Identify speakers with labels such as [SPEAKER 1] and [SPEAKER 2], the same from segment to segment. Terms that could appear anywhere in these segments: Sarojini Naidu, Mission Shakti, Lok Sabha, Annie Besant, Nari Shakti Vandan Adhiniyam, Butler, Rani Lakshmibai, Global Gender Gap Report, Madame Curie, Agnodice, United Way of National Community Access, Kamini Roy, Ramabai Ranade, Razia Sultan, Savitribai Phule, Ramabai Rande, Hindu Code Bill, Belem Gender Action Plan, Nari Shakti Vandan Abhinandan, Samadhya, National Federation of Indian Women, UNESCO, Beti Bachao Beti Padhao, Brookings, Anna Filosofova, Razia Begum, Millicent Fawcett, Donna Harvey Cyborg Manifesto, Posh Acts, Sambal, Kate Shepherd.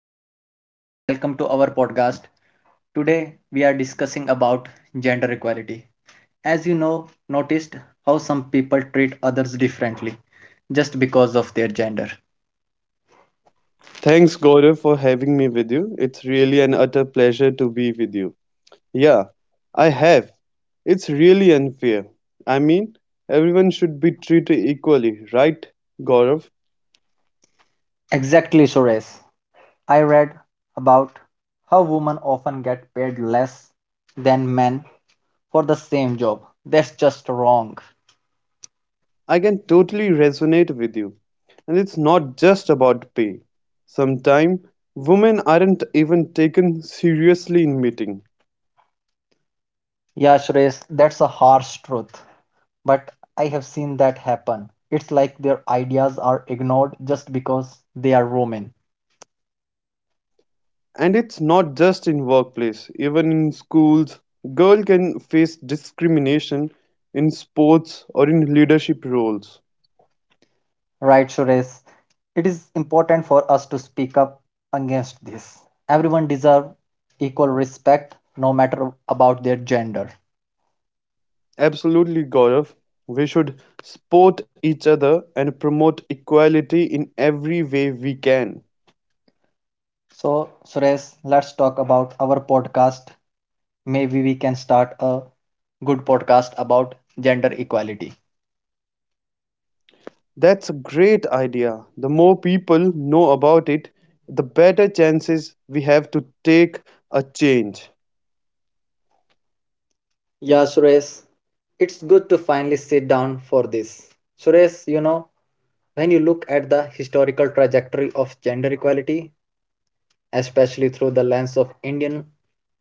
[SPEAKER 1] Sores, welcome to our podcast. Today we are discussing about gender equality. As you know, noticed how some people treat others differently just because of their gender.
[SPEAKER 2] Thanks, Gaurav, for having me with you. It's really an utter pleasure to be with you. Yeah, I have. It's really unfair. I mean, everyone should be treated equally, right, Gaurav?
[SPEAKER 1] Exactly Sores. I read about how women often get paid less than men for the same job. That's just wrong.
[SPEAKER 2] I can totally resonate with you. And it's not just about pay. Sometimes women aren't even taken seriously in meetings.
[SPEAKER 1] Yeah, Sures, that's a harsh truth, but I have seen that happen. It's like their ideas are ignored just because they are women.
[SPEAKER 2] And it's not just in workplace, even in schools, girl can face discrimination in sports or in leadership roles.
[SPEAKER 1] Right, Suresh. It is important for us to speak up against this. Everyone deserves equal respect, no matter about their gender.
[SPEAKER 2] Absolutely, Gaurav. We should support each other and promote equality in every way we can.
[SPEAKER 1] So, Suresh, let's talk about our podcast. Maybe we can start a good podcast about gender equality.
[SPEAKER 2] That's a great idea. The more people know about it, the better chances we have to take a change.
[SPEAKER 1] Yeah, Suresh, it's good to finally sit down for this. Suresh, you know, when you look at the historical trajectory of gender equality, especially through the lens of Indian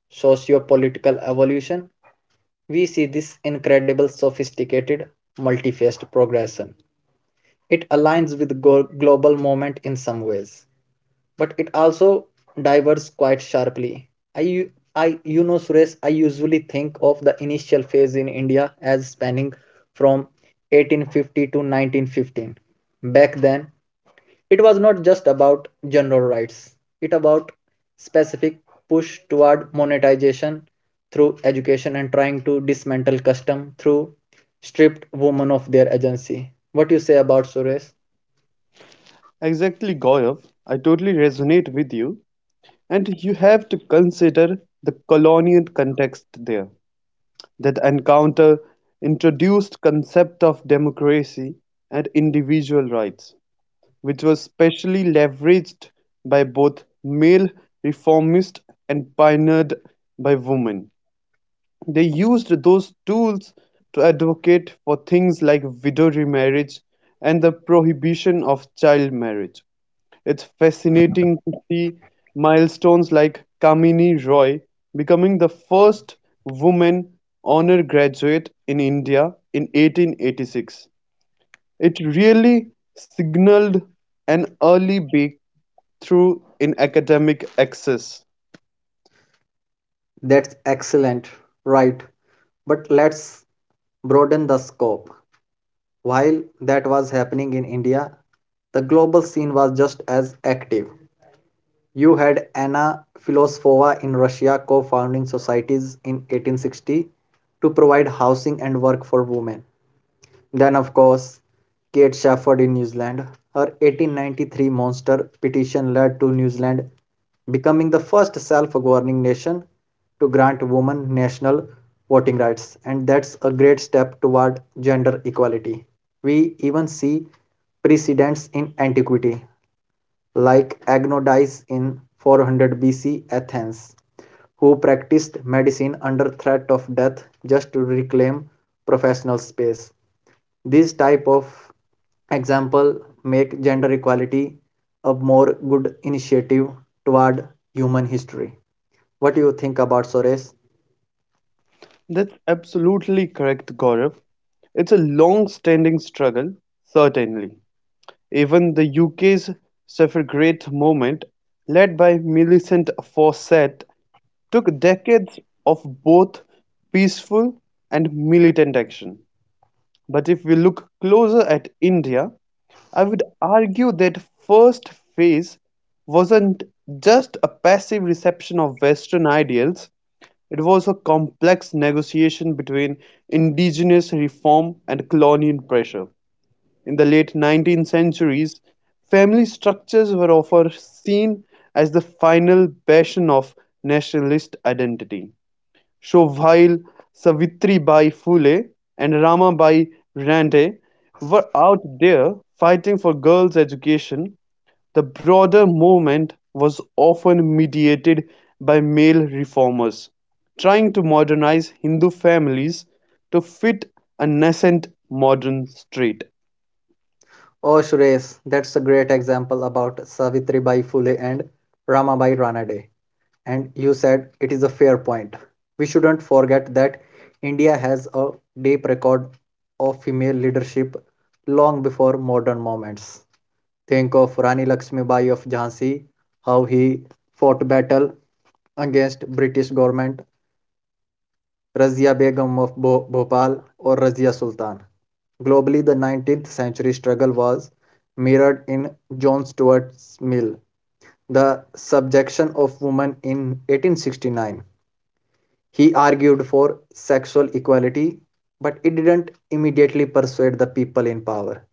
[SPEAKER 1] socio-political evolution, we see this incredible sophisticated multi-faced progression. It aligns with global movement in some ways, but it also diverges quite sharply. You know, Suresh, I usually think of the initial phase in India as spanning from 1850 to 1915. Back then, it was not just about general rights it about specific push toward monetization through education and trying to dismantle custom through stripped women of their agency. What you say about Suresh?
[SPEAKER 2] Exactly, Gaurav. I totally resonate with you. And you have to consider the colonial context there. That encounter introduced concept of democracy and individual rights, which was specially leveraged by both male reformists and pioneered by women. They used those tools to advocate for things like widow remarriage and the prohibition of child marriage. It's fascinating to see milestones like Kamini Roy becoming the first woman honor graduate in India in 1886. It really signaled an early breakthrough in academic access.
[SPEAKER 1] That's excellent, right? But let's broaden the scope. While that was happening in India, the global scene was just as active. You had Anna Filosofova in Russia co-founding societies in 1860 to provide housing and work for women. Then, of course, Kate Shepherd in New Zealand. Her 1893 monster petition led to New Zealand becoming the first self-governing nation to grant women national voting rights, and that's a great step toward gender equality. We even see precedents in antiquity like Agnodice in 400 BC Athens, who practiced medicine under threat of death just to reclaim professional space. This type of example make gender equality a more good initiative toward human history. What do you think about Suresh?
[SPEAKER 2] That's absolutely correct, Gaurav. It's a long standing struggle, certainly. Even the UK's suffragette movement, led by Millicent Fawcett, took decades of both peaceful and militant action. But if we look closer at India, I would argue that first phase wasn't just a passive reception of Western ideals, it was a complex negotiation between indigenous reform and colonial pressure. In the late 19th centuries, family structures were often seen as the final bastion of nationalist identity. Sohail Savitribai Phule and Ramabai Rande were out there fighting for girls' education, the broader movement was often mediated by male reformers trying to modernize Hindu families to fit a nascent modern street.
[SPEAKER 1] Oh, Suresh, that's a great example about Savitri Bai Phule and Ramabai Ranade, and you said it is a fair point. We shouldn't forget that India has a deep record of female leadership long before modern moments. Think of Rani Lakshmibai of Jhansi, how he fought battle against British government, Razia Begum of Bhopal or Razia Sultan. Globally, the 19th century struggle was mirrored in John Stuart Mill, the subjection of women in 1869. He argued for sexual equality, but it didn't immediately persuade the people in power,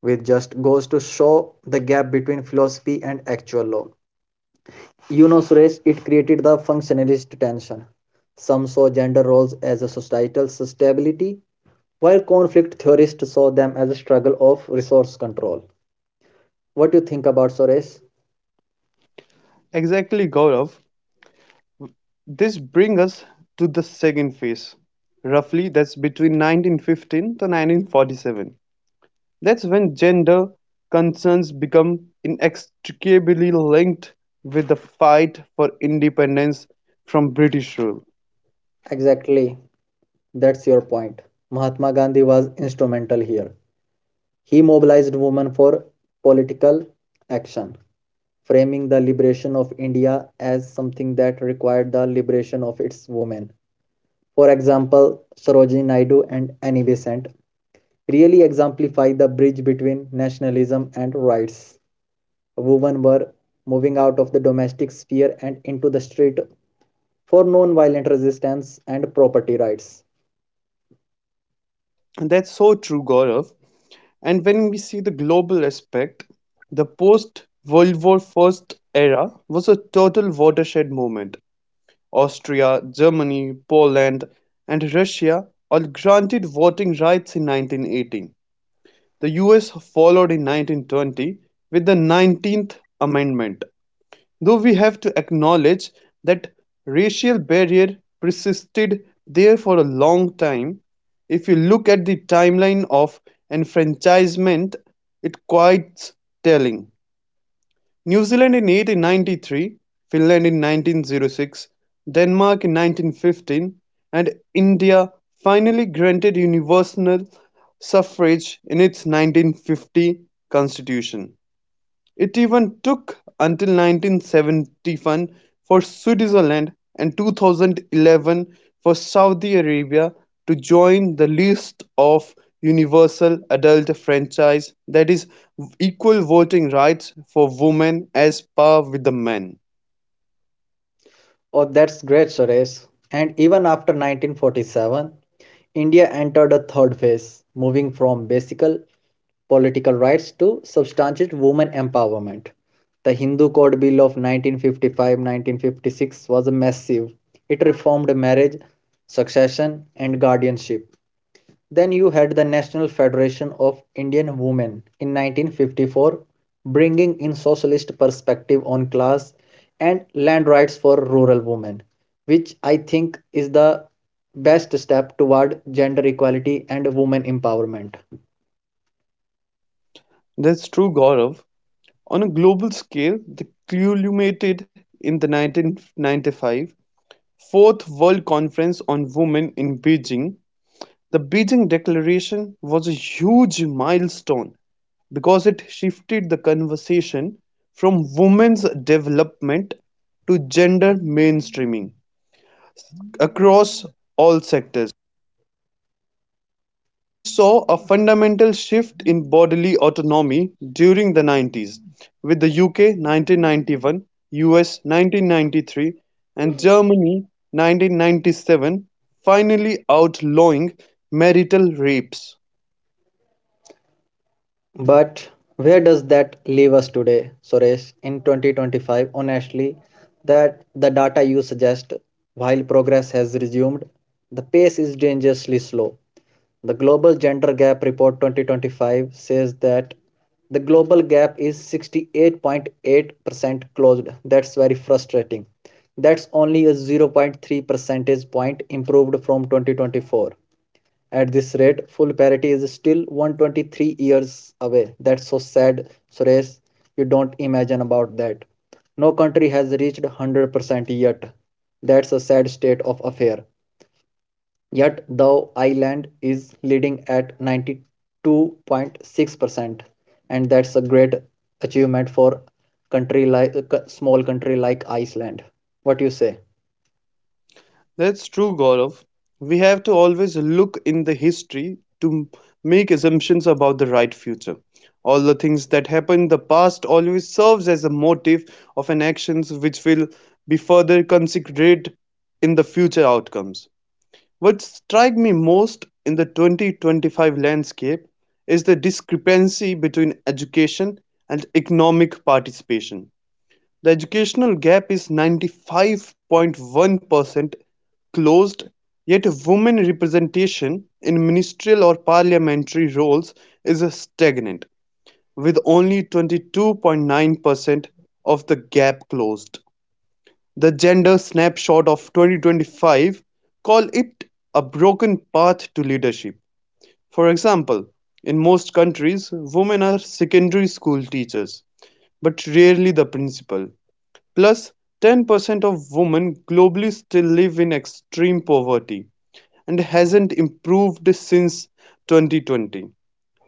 [SPEAKER 1] which just goes to show the gap between philosophy and actual law. You know, Suresh, it created the functionalist tension. Some saw gender roles as a societal stability, while conflict theorists saw them as a struggle of resource control. What do you think about Suresh?
[SPEAKER 2] Exactly, Gaurav. This brings us to the second phase, roughly that's between 1915 to 1947. That's when gender concerns become inextricably linked with the fight for independence from British rule.
[SPEAKER 1] Exactly, that's your point. Mahatma Gandhi was instrumental here. He mobilized women for political action, framing the liberation of India as something that required the liberation of its women. For example, Sarojini Naidu and Annie Besant really exemplify the bridge between nationalism and rights. Women were moving out of the domestic sphere and into the street for non violent resistance and property rights.
[SPEAKER 2] And that's so true, Gaurav. And when we see the global aspect, the post World War First era was a total watershed moment. Austria, Germany, Poland, and Russia all granted voting rights in 1918. The US followed in 1920 with the 19th Amendment. Though we have to acknowledge that racial barrier persisted there for a long time, if you look at the timeline of enfranchisement, it's quite telling. New Zealand in 1893, Finland in 1906, Denmark in 1915, and India finally granted universal suffrage in its 1950 constitution. It even took until 1971 for Switzerland and 2011 for Saudi Arabia to join the list of universal adult franchise, that is equal voting rights for women as par with the men.
[SPEAKER 1] Oh, that's great, Suresh. And even after 1947, India entered a third phase, moving from basic political rights to substantial women empowerment. The Hindu Code Bill of 1955, 1956 was a massive. It reformed marriage, succession, and guardianship. Then you had the National Federation of Indian Women in 1954, bringing in socialist perspective on class and land rights for rural women, which I think is the best step toward gender equality and women empowerment.
[SPEAKER 2] That's true, Gaurav. On a global scale, the culminated in the 1995 Fourth World Conference on Women in Beijing. The Beijing Declaration was a huge milestone because it shifted the conversation from women's development to gender mainstreaming across all sectors. We saw a fundamental shift in bodily autonomy during the 90s, with the UK 1991, US 1993, and Germany 1997 finally outlawing marital rapes.
[SPEAKER 1] But where does that leave us today, Suresh, in 2025? Honestly, that the data you suggest, while progress has resumed, the pace is dangerously slow. The Global Gender Gap Report 2025 says that the global gap is 68.8% closed. That's very frustrating. That's only a zero point 0.3 percentage point improved from 2024. At this rate, full parity is still 123 years away. That's so sad, Suresh. You don't imagine about that. No country has reached 100% yet. That's a sad state of affair. Yet, the island is leading at 92.6%, and that's a great achievement for country like a small country like Iceland. What you say?
[SPEAKER 2] That's true, Gaurav. We have to always look in the history to make assumptions about the right future. All the things that happen in the past always serves as a motive of an actions which will be further considered in the future outcomes. What strike me most in the 2025 landscape is the discrepancy between education and economic participation. The educational gap is 95. 1% closed, yet women representation in ministerial or parliamentary roles is stagnant, with only 22. 9% of the gap closed. The gender snapshot of 2025 call it a broken path to leadership. For example, in most countries, women are secondary school teachers, but rarely the principal. Plus, 10% of women globally still live in extreme poverty, and hasn't improved since 2020.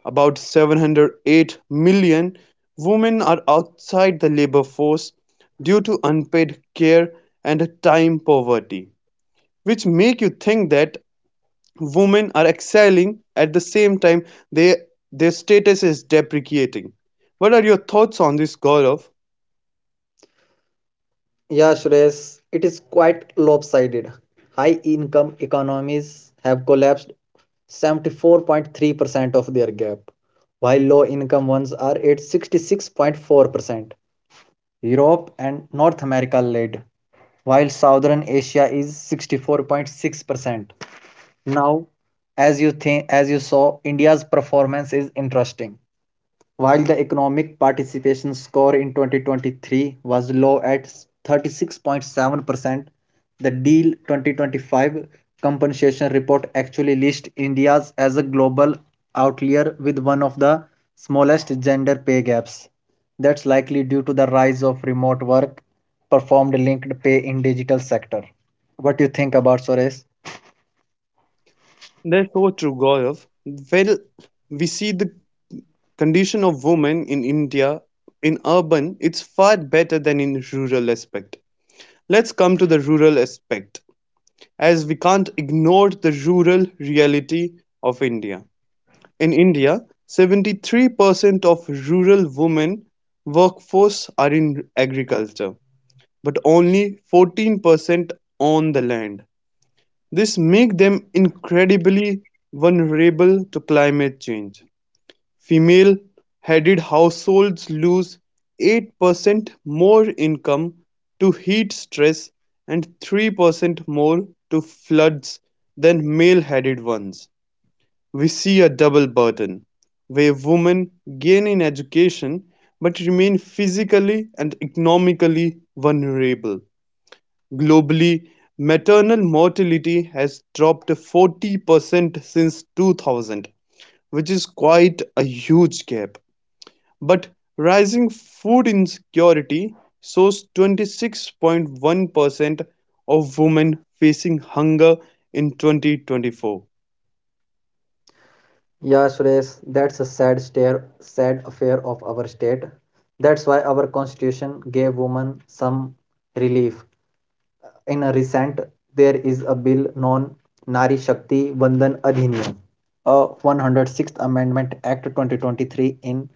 [SPEAKER 2] About 708 million women are outside the labor force due to unpaid care and time poverty, which make you think that women are excelling at the same time they, their status is depreciating. What are your thoughts on this, Gaurav?
[SPEAKER 1] Yeah, Suresh, it is quite lopsided. High income economies have collapsed 74.3% of their gap, while low income ones are at 66.4%. Europe and North America led, while Southern Asia is 64.6%. Now, as you think, as you saw, India's performance is interesting. While the economic participation score in 2023 was low at 36.7%, the Deal 2025 compensation report actually lists India as a global outlier with one of the smallest gender pay gaps. That's likely due to the rise of remote work performed linked pay in digital sector. What do you think about Suresh?
[SPEAKER 2] Therefore, to Gaurav. Well, we see the condition of women in India in urban, it's far better than in rural aspect. Let's come to the rural aspect, as we can't ignore the rural reality of India. In India, 73% of rural women workforce are in agriculture, but only 14% on the land. This makes them incredibly vulnerable to climate change. Female-headed households lose 8% more income to heat stress and 3% more to floods than male-headed ones. We see a double burden, where women gain in education but remain physically and economically vulnerable. Globally, maternal mortality has dropped 40% since 2000, which is quite a huge gap. But rising food insecurity shows 26. 1% of women facing hunger in 2024.
[SPEAKER 1] Yeah, Suresh, that's a sad stare, sad affair of our state. That's why our constitution gave women some relief. In a recent, there is a bill known Nari Shakti Vandan Adhiniyam, a 106th Amendment Act 2023 in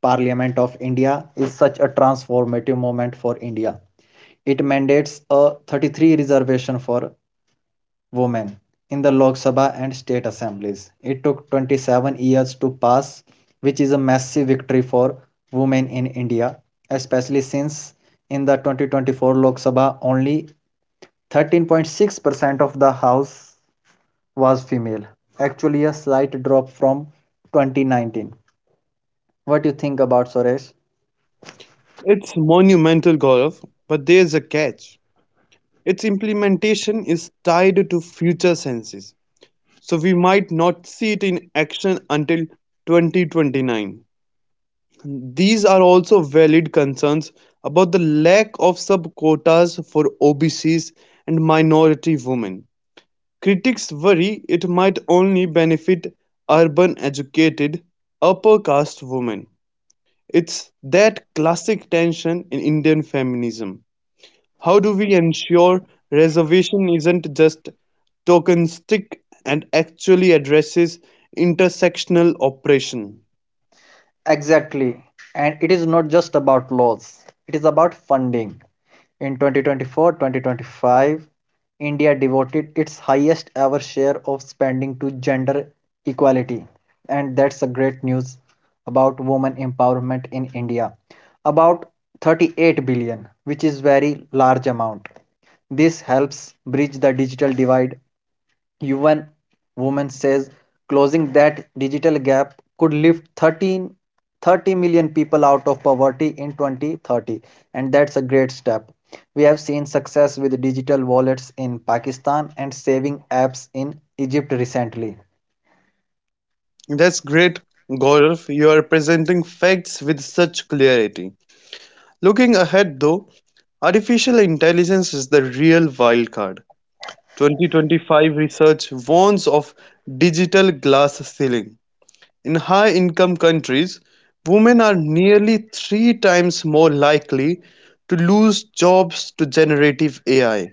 [SPEAKER 1] Parliament of India is such a transformative moment for India. It mandates a 33 reservation for women in the Lok Sabha and state assemblies. It took 27 years to pass, which is a massive victory for women in India, especially since in the 2024 Lok Sabha only 13.6% of the house was female. Actually, a slight drop from 2019. What do you think about Suresh?
[SPEAKER 2] It's monumental, Gaurav, but there's a catch. Its implementation is tied to future census, so we might not see it in action until 2029. These are also valid concerns about the lack of sub quotas for OBCs and minority women. Critics worry it might only benefit urban educated, upper-caste women; it's that classic tension in Indian feminism: how do we ensure reservation isn't just tokenistic and actually addresses intersectional oppression?
[SPEAKER 1] Exactly. And it is not just about laws, it is about funding. In 2024, 2025, India devoted its highest ever share of spending to gender equality. And that's a great news about women empowerment in India. About 38 billion, which is very large amount. This helps bridge the digital divide. UN Women says closing that digital gap could lift 13, 30 million people out of poverty in 2030, and that's a great step. We have seen success with digital wallets in Pakistan and saving apps in Egypt recently.
[SPEAKER 2] That's great, Gaurav. You are presenting facts with such clarity. Looking ahead, though, artificial intelligence is the real wild card. 2025 research warns of digital glass ceiling. In high income countries, women are nearly three times more likely to lose jobs to generative AI.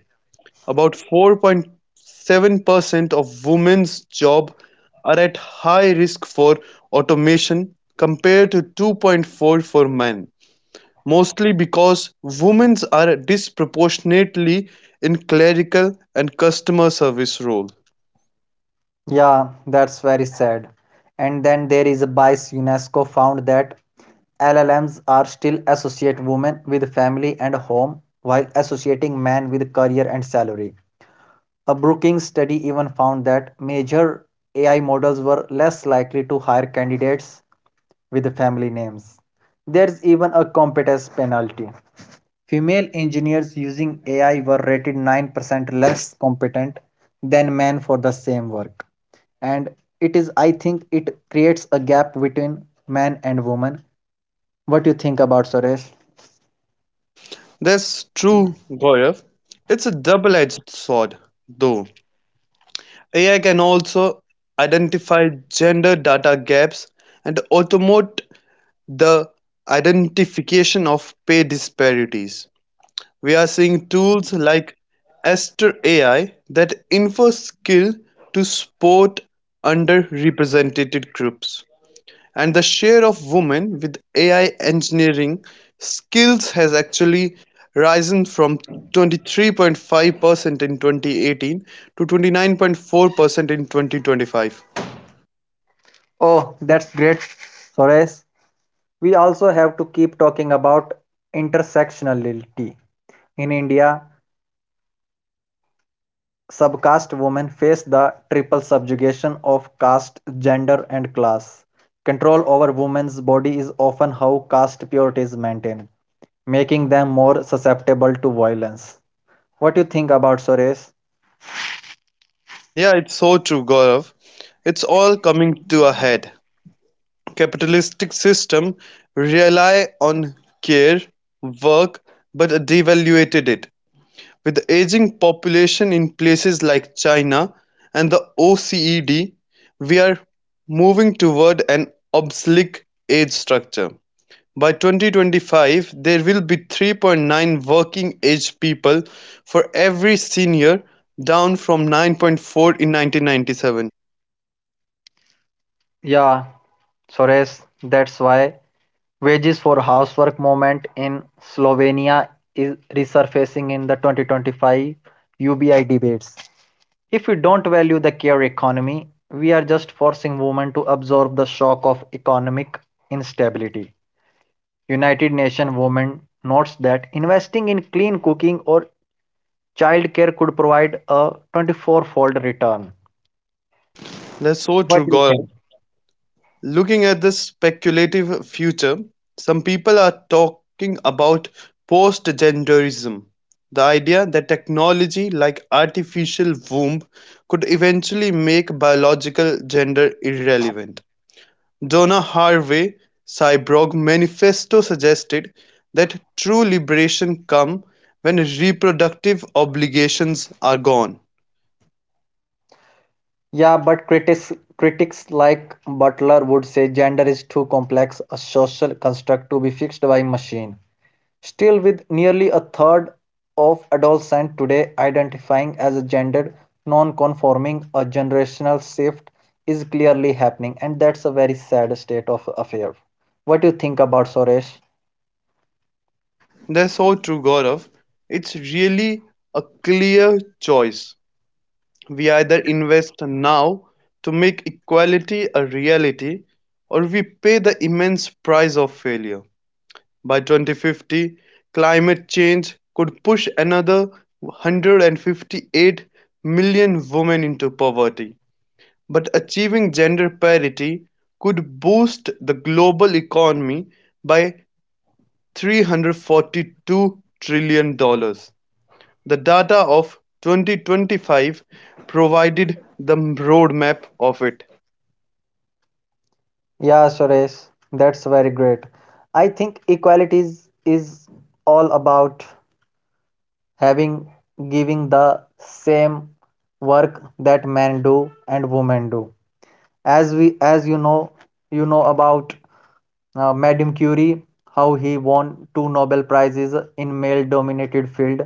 [SPEAKER 2] About 4.7% of women's jobs are at high risk for automation compared to 2.4 for men, mostly because women are disproportionately in clerical and customer service roles.
[SPEAKER 1] Yeah, that's very sad. And then there is a bias. UNESCO found that LLMs are still associate women with family and home while associating men with career and salary. A Brookings study even found that major AI models were less likely to hire candidates with family names. There's even a competence penalty. Female engineers using AI were rated 9% less competent than men for the same work. And it is, I think, it creates a gap between men and women. What do you think about Suresh?
[SPEAKER 2] That's true, Gaurav. It's a double-edged sword, though. AI can also identify gender data gaps and automate the identification of pay disparities. We are seeing tools like Esther AI that infer skill to support underrepresented groups. And the share of women with AI engineering skills has actually risen from 23.5% in 2018 to 29.4% in 2025.
[SPEAKER 1] Oh, that's great, Suresh. We also have to keep talking about intersectionality. In India, subcaste women face the triple subjugation of caste, gender, and class. Control over women's body is often how caste purity is maintained, making them more susceptible to violence. What do you think about Suresh?
[SPEAKER 2] Yeah, it's so true, Gaurav. It's all coming to a head. Capitalistic system rely on care, work, but devaluated it. With the ageing population in places like China and the OECD, we are moving toward an obsolete age structure. By 2025, there will be 3.9 working age people for every senior, down from 9.4 in 1997.
[SPEAKER 1] Yeah, Suresh, that's why wages for housework movement in Slovenia is resurfacing in the 2025 UBI debates. If we don't value the care economy, we are just forcing women to absorb the shock of economic instability. United Nations Women notes that investing in clean cooking or childcare could provide a 24-fold return.
[SPEAKER 2] That's so
[SPEAKER 1] What
[SPEAKER 2] true,
[SPEAKER 1] do you
[SPEAKER 2] Gaurav.
[SPEAKER 1] think?
[SPEAKER 2] Looking at this speculative future, some people are talking about postgenderism, the idea that technology like artificial womb could eventually make biological gender irrelevant. Donna Harvey Cyborg Manifesto suggested that true liberation comes when reproductive obligations are gone.
[SPEAKER 1] Yeah, but critics like Butler would say gender is too complex a social construct to be fixed by machine. Still, with nearly a third of adolescents today identifying as gender non-conforming, a generational shift is clearly happening, and that's a very sad state of affair. What do you think about Suresh?
[SPEAKER 2] That's so true, Gaurav. It's really a clear choice. We either invest now to make equality a reality, or we pay the immense price of failure. By 2050, climate change could push another 158 million women into poverty. But achieving gender parity could boost the global economy by $342 trillion dollars. The data of 2025 provided the roadmap of it.
[SPEAKER 1] Yeah, Suresh, that's very great. I think equality is all about having giving the same work that men do and women do. As we as you know about Madame Curie, how he won two Nobel Prizes in male-dominated field.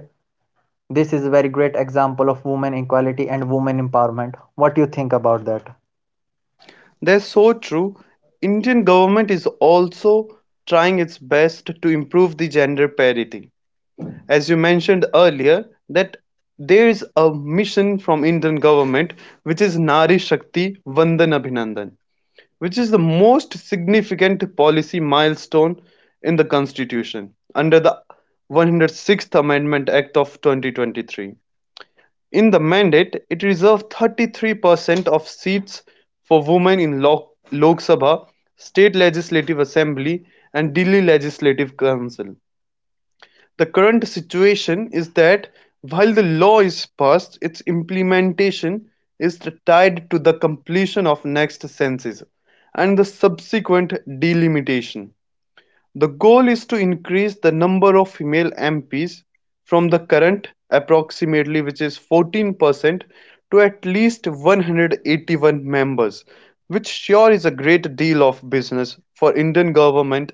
[SPEAKER 1] This is a very great example of women equality and women empowerment. What do you think about that?
[SPEAKER 2] That's so true. Indian government is also trying its best to improve the gender parity. As you mentioned earlier, that there is a mission from Indian government which is Nari Shakti Vandan Abhinandan, which is the most significant policy milestone in the constitution under the 106th Amendment Act of 2023. In the mandate, it reserved 33% of seats for women in Lok Sabha, state legislative assembly and Delhi Legislative Council. The current situation is that while the law is passed, its implementation is tied to the completion of next census and the subsequent delimitation. The goal is to increase the number of female MPs from the current approximately which is 14% to at least 181 members, which sure is a great deal of business for Indian government.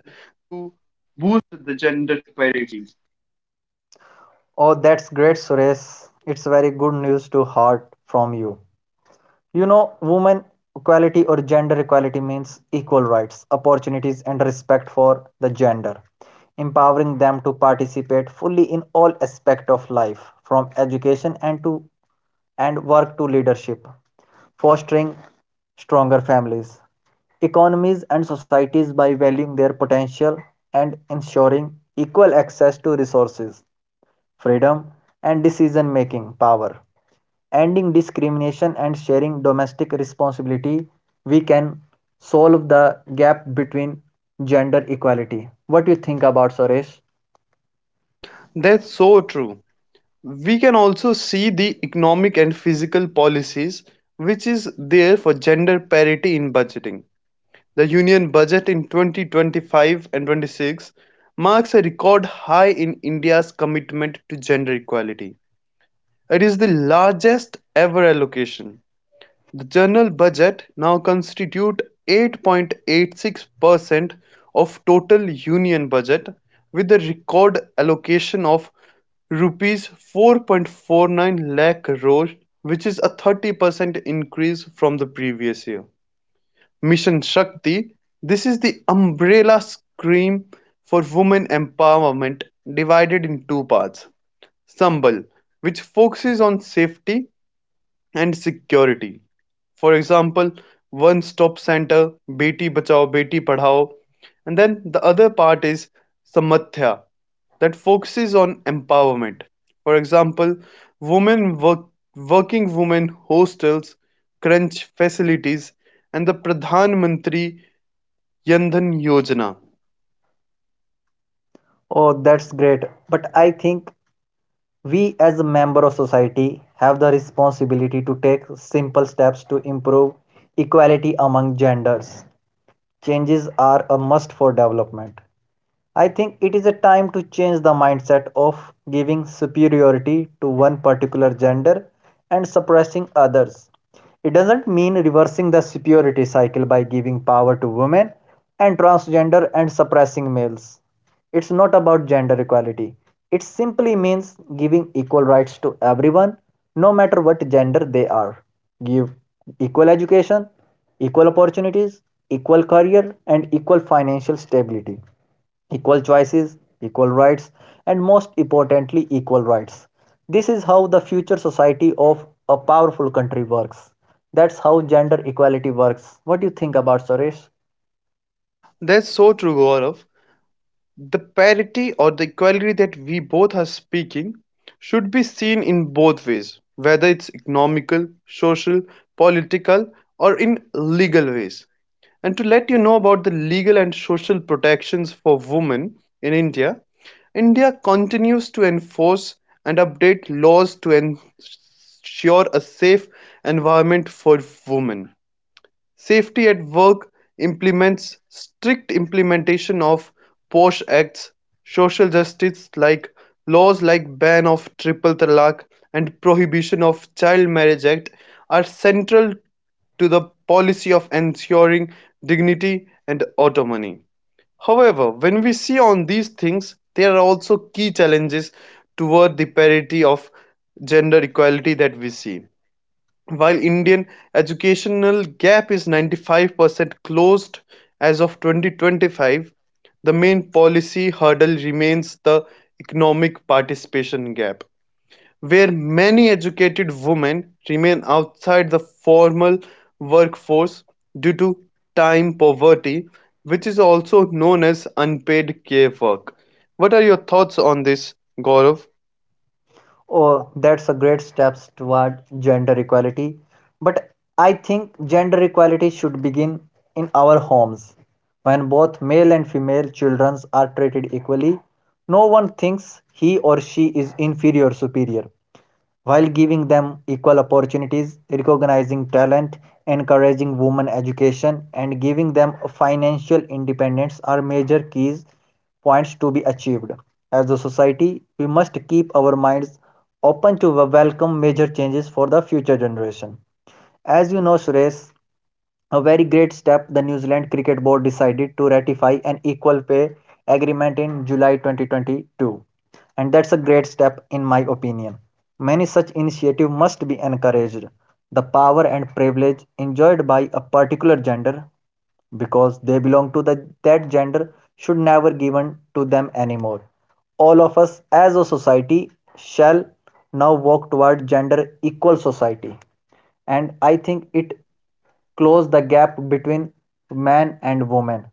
[SPEAKER 1] Oh, that's great, Suresh. It's very good news to heart from you. You know, women equality or gender equality means equal rights, opportunities, and respect for the gender, empowering them to participate fully in all aspects of life, from education and to and work to leadership, fostering stronger families, economies, and societies by valuing their potential and ensuring equal access to resources freedom, and decision making power. Ending discrimination and sharing domestic responsibility, we can solve the gap between gender equality. What do you think about Suresh?
[SPEAKER 2] That's so true. We can also see the economic and physical policies which is there for gender parity in budgeting. The union budget in 2025 and 26 marks a record high in India's commitment to gender equality. It is the largest ever allocation. The general budget now constitutes 8.86% of total union budget with a record allocation of rupees 4.49 lakh crore, which is a 30% increase from the previous year. Mission Shakti, this is the umbrella scheme for women empowerment divided in two parts: Sambal, which focuses on safety and security. For example, one stop center, Beti Bachao, Beti Padhao, and then the other part is samadhya, that focuses on empowerment. For example, women work, working women hostels, crunch facilities, and the Pradhan Mantri Yandhan Yojana.
[SPEAKER 1] Oh, that's great. But I think we as a member of society have the responsibility to take simple steps to improve equality among genders. Changes are a must for development. I think it is a time to change the mindset of giving superiority to one particular gender and suppressing others. It doesn't mean reversing the superiority cycle by giving power to women and transgender and suppressing males. It's not about gender equality. It simply means giving equal rights to everyone, no matter what gender they are. Give equal education, equal opportunities, equal career, and equal financial stability equal choices, equal rights, and most importantly, equal rights. This is how the future society of a powerful country works. That's how gender equality works. What do you think about Suresh?
[SPEAKER 2] That's so true, Gaurav. The parity or the equality that we both are speaking should be seen in both ways, whether it's economical, social, political, or in legal ways. And to let you know about the legal and social protections for women in India, India continues to enforce and update laws to ensure a safe environment for women. Safety at Work implements strict implementation of Posh Acts, social justice like laws like ban of triple talaq and prohibition of child marriage act are central to the policy of ensuring dignity and autonomy. However, when we see on these things, there are also key challenges toward the parity of gender equality that we see. While Indian educational gap is 95% closed as of 2025, the main policy hurdle remains the economic participation gap, where many educated women remain outside the formal workforce due to time poverty, which is also known as unpaid care work. What are your thoughts on this, Gaurav?
[SPEAKER 1] Oh, that's a great steps toward gender equality. But I think gender equality should begin in our homes. When both male and female children are treated equally, no one thinks he or she is inferior or superior. While giving them equal opportunities, recognizing talent, encouraging women education, and giving them financial independence are major keys points to be achieved. As a society, we must keep our minds open to welcome major changes for the future generation. As you know, Suresh, a very great step, the New Zealand Cricket Board decided to ratify an equal pay agreement in July 2022, and that's a great step in my opinion. Many such initiatives must be encouraged. The power and privilege enjoyed by a particular gender because they belong to that gender should never be given to them anymore. All of us as a society shall now walk toward gender equal society, and I think it close the gap between man and woman.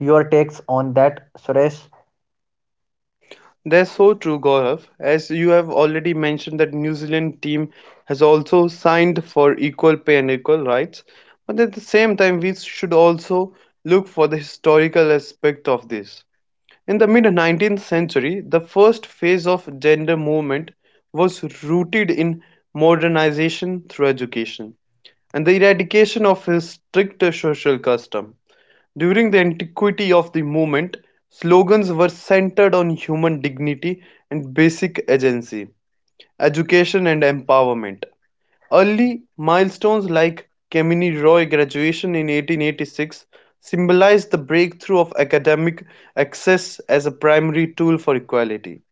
[SPEAKER 1] Your takes on that, Suresh?
[SPEAKER 2] That's so true, Gaurav. As you have already mentioned, that New Zealand team has also signed for equal pay and equal rights. But at the same time, we should also look for the historical aspect of this. In the mid 19th century, the first phase of gender movement was rooted in modernization through education and the eradication of a stricter social custom. During the antiquity of the movement, slogans were centered on human dignity and basic agency, education and empowerment. Early milestones like Kemeny Roy graduation in 1886 symbolized the breakthrough of academic access as a primary tool for equality.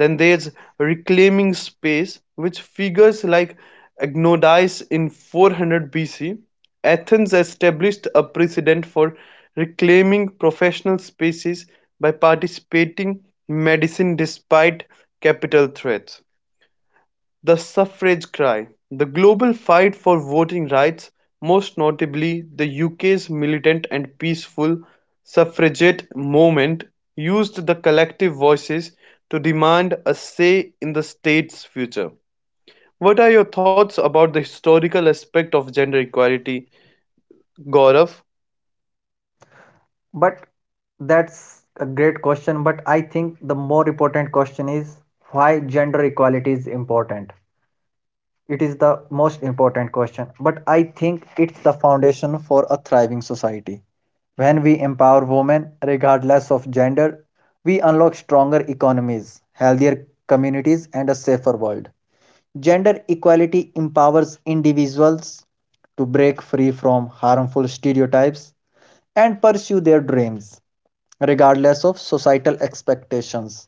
[SPEAKER 2] Then there's reclaiming space, which figures like Agnodice in 400 BC. Athens established a precedent for reclaiming professional spaces by participating medicine despite capital threats. The suffrage cry, the global fight for voting rights, most notably the UK's militant and peaceful suffragette movement, used the collective voices to demand a say in the state's future. What are your thoughts about the historical aspect of gender equality, Gaurav?
[SPEAKER 1] But that's a great question. But I think the more important question is why gender equality is important. It is the most important question. But I think it's the foundation for a thriving society. When we empower women, regardless of gender, we unlock stronger economies, healthier communities, and a safer world. Gender equality empowers individuals to break free from harmful stereotypes and pursue their dreams, regardless of societal expectations.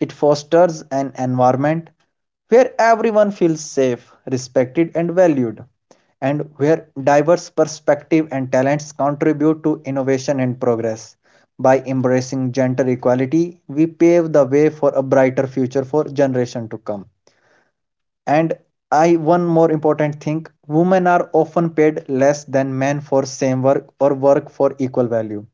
[SPEAKER 1] It fosters an environment where everyone feels safe, respected, and valued, and where diverse perspectives and talents contribute to innovation and progress. By embracing gender equality, we pave the way for a brighter future for generations to come. And I one more important thing, women are often paid less than men for same work or work for equal value.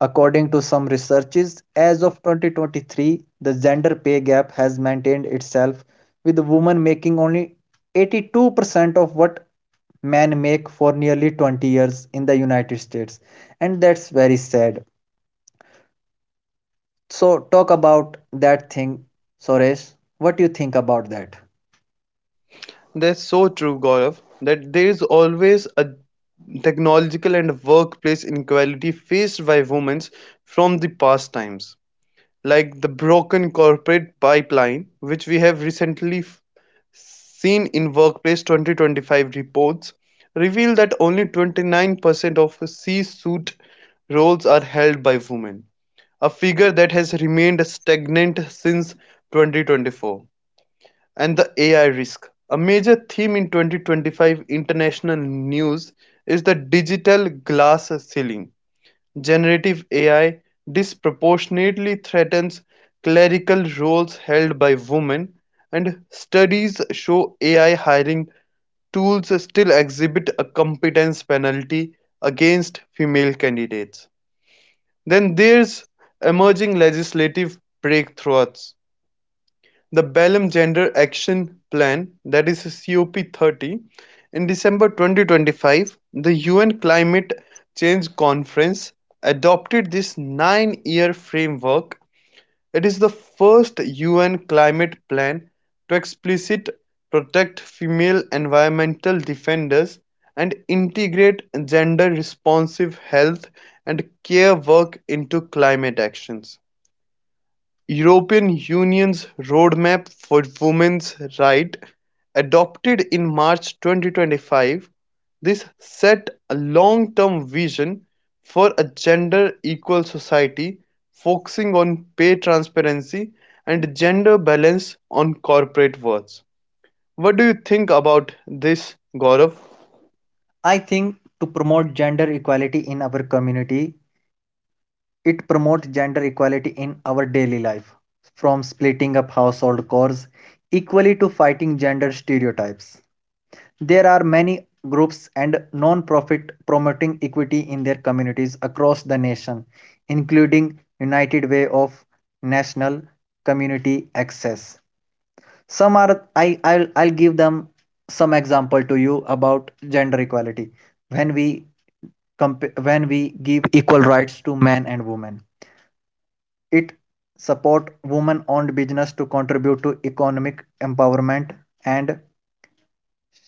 [SPEAKER 1] According to some researches, as of 2023, the gender pay gap has maintained itself with women making only 82% of what men make for nearly 20 years in the United States, and that's very sad. So talk about that thing, Suresh. What do you think about that?
[SPEAKER 2] That's so true, Gaurav, that there is always a technological and workplace inequality faced by women from the past times, like the broken corporate pipeline, which we have recently seen in Workplace 2025 reports, reveal that only 29% of C-suite roles are held by women, a figure that has remained stagnant since 2024. And the AI risk. A major theme in 2025 international news is the digital glass ceiling. Generative AI disproportionately threatens clerical roles held by women, and studies show AI hiring tools still exhibit a competence penalty against female candidates. Then there's emerging legislative breakthroughs. The Belem Gender Action Plan, that is CoP-30, in December 2025, the UN Climate Change Conference adopted this nine-year framework. It is the first UN climate plan to explicitly protect female environmental defenders and integrate gender-responsive health and care work into climate actions. European Union's Roadmap for Women's Rights, adopted in March 2025, this set a long-term vision for a gender-equal society focusing on pay transparency and gender balance on corporate boards. What do you think about this, Gaurav?
[SPEAKER 1] I think to promote gender equality in our community, it promotes gender equality in our daily life, from splitting up household chores equally to fighting gender stereotypes. There are many groups and non-profit promoting equity in their communities across the nation, including United Way of National Community Access. Some are I'll give them some example to you about gender equality when we when we give equal rights to men and women, it support women owned business to contribute to economic empowerment, and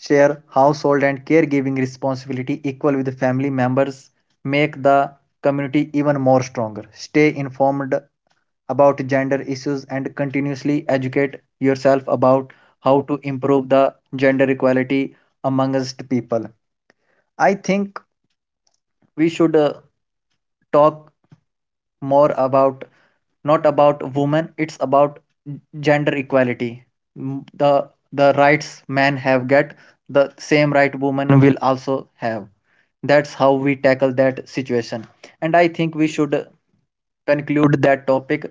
[SPEAKER 1] share household and caregiving responsibility equal with family members, make the community even more stronger, stay informed about gender issues, and continuously educate yourself about how to improve the gender equality amongst people. I think we should talk more about not about women, it's about gender equality. M- the the rights men have get, the same right women will also have. That's how we tackle that situation, and I think we should conclude that topic.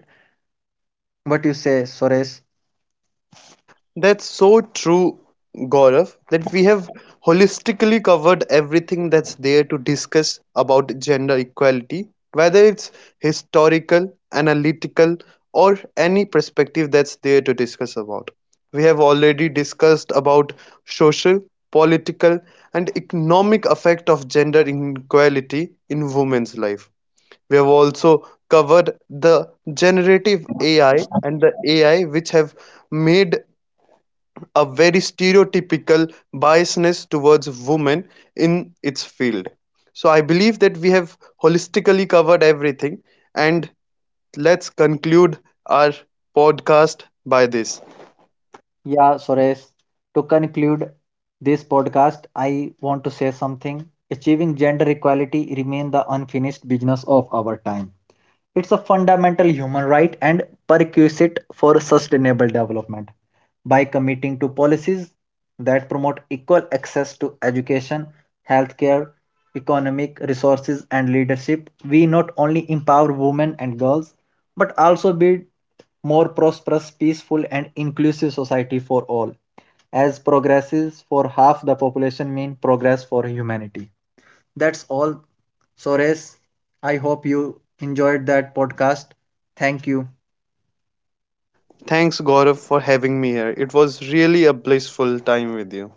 [SPEAKER 1] What you say, Suresh?
[SPEAKER 2] That's so true, Gaurav, that we have holistically covered everything that's there to discuss about gender equality, whether it's historical, analytical, or any perspective that's there to discuss about. We have already discussed about social, political, and economic effect of gender inequality in women's life. We have also covered the generative AI and the AI which have made a very stereotypical biasness towards women in its field. So I believe that we have holistically covered everything and let's conclude our podcast by this.
[SPEAKER 1] Yeah, Suresh, to conclude this podcast, I want to say something. Achieving gender equality remain the unfinished business of our time. It's a fundamental human right and prerequisite for sustainable development. By committing to policies that promote equal access to education, healthcare, economic resources, and leadership, we not only empower women and girls but also build more prosperous, peaceful, and inclusive society for all. As progresses for half the population mean progress for humanity. That's all, Sores. I hope you enjoyed that podcast. Thank you.
[SPEAKER 2] Thanks, Gaurav, for having me here. It was really a blissful time with you.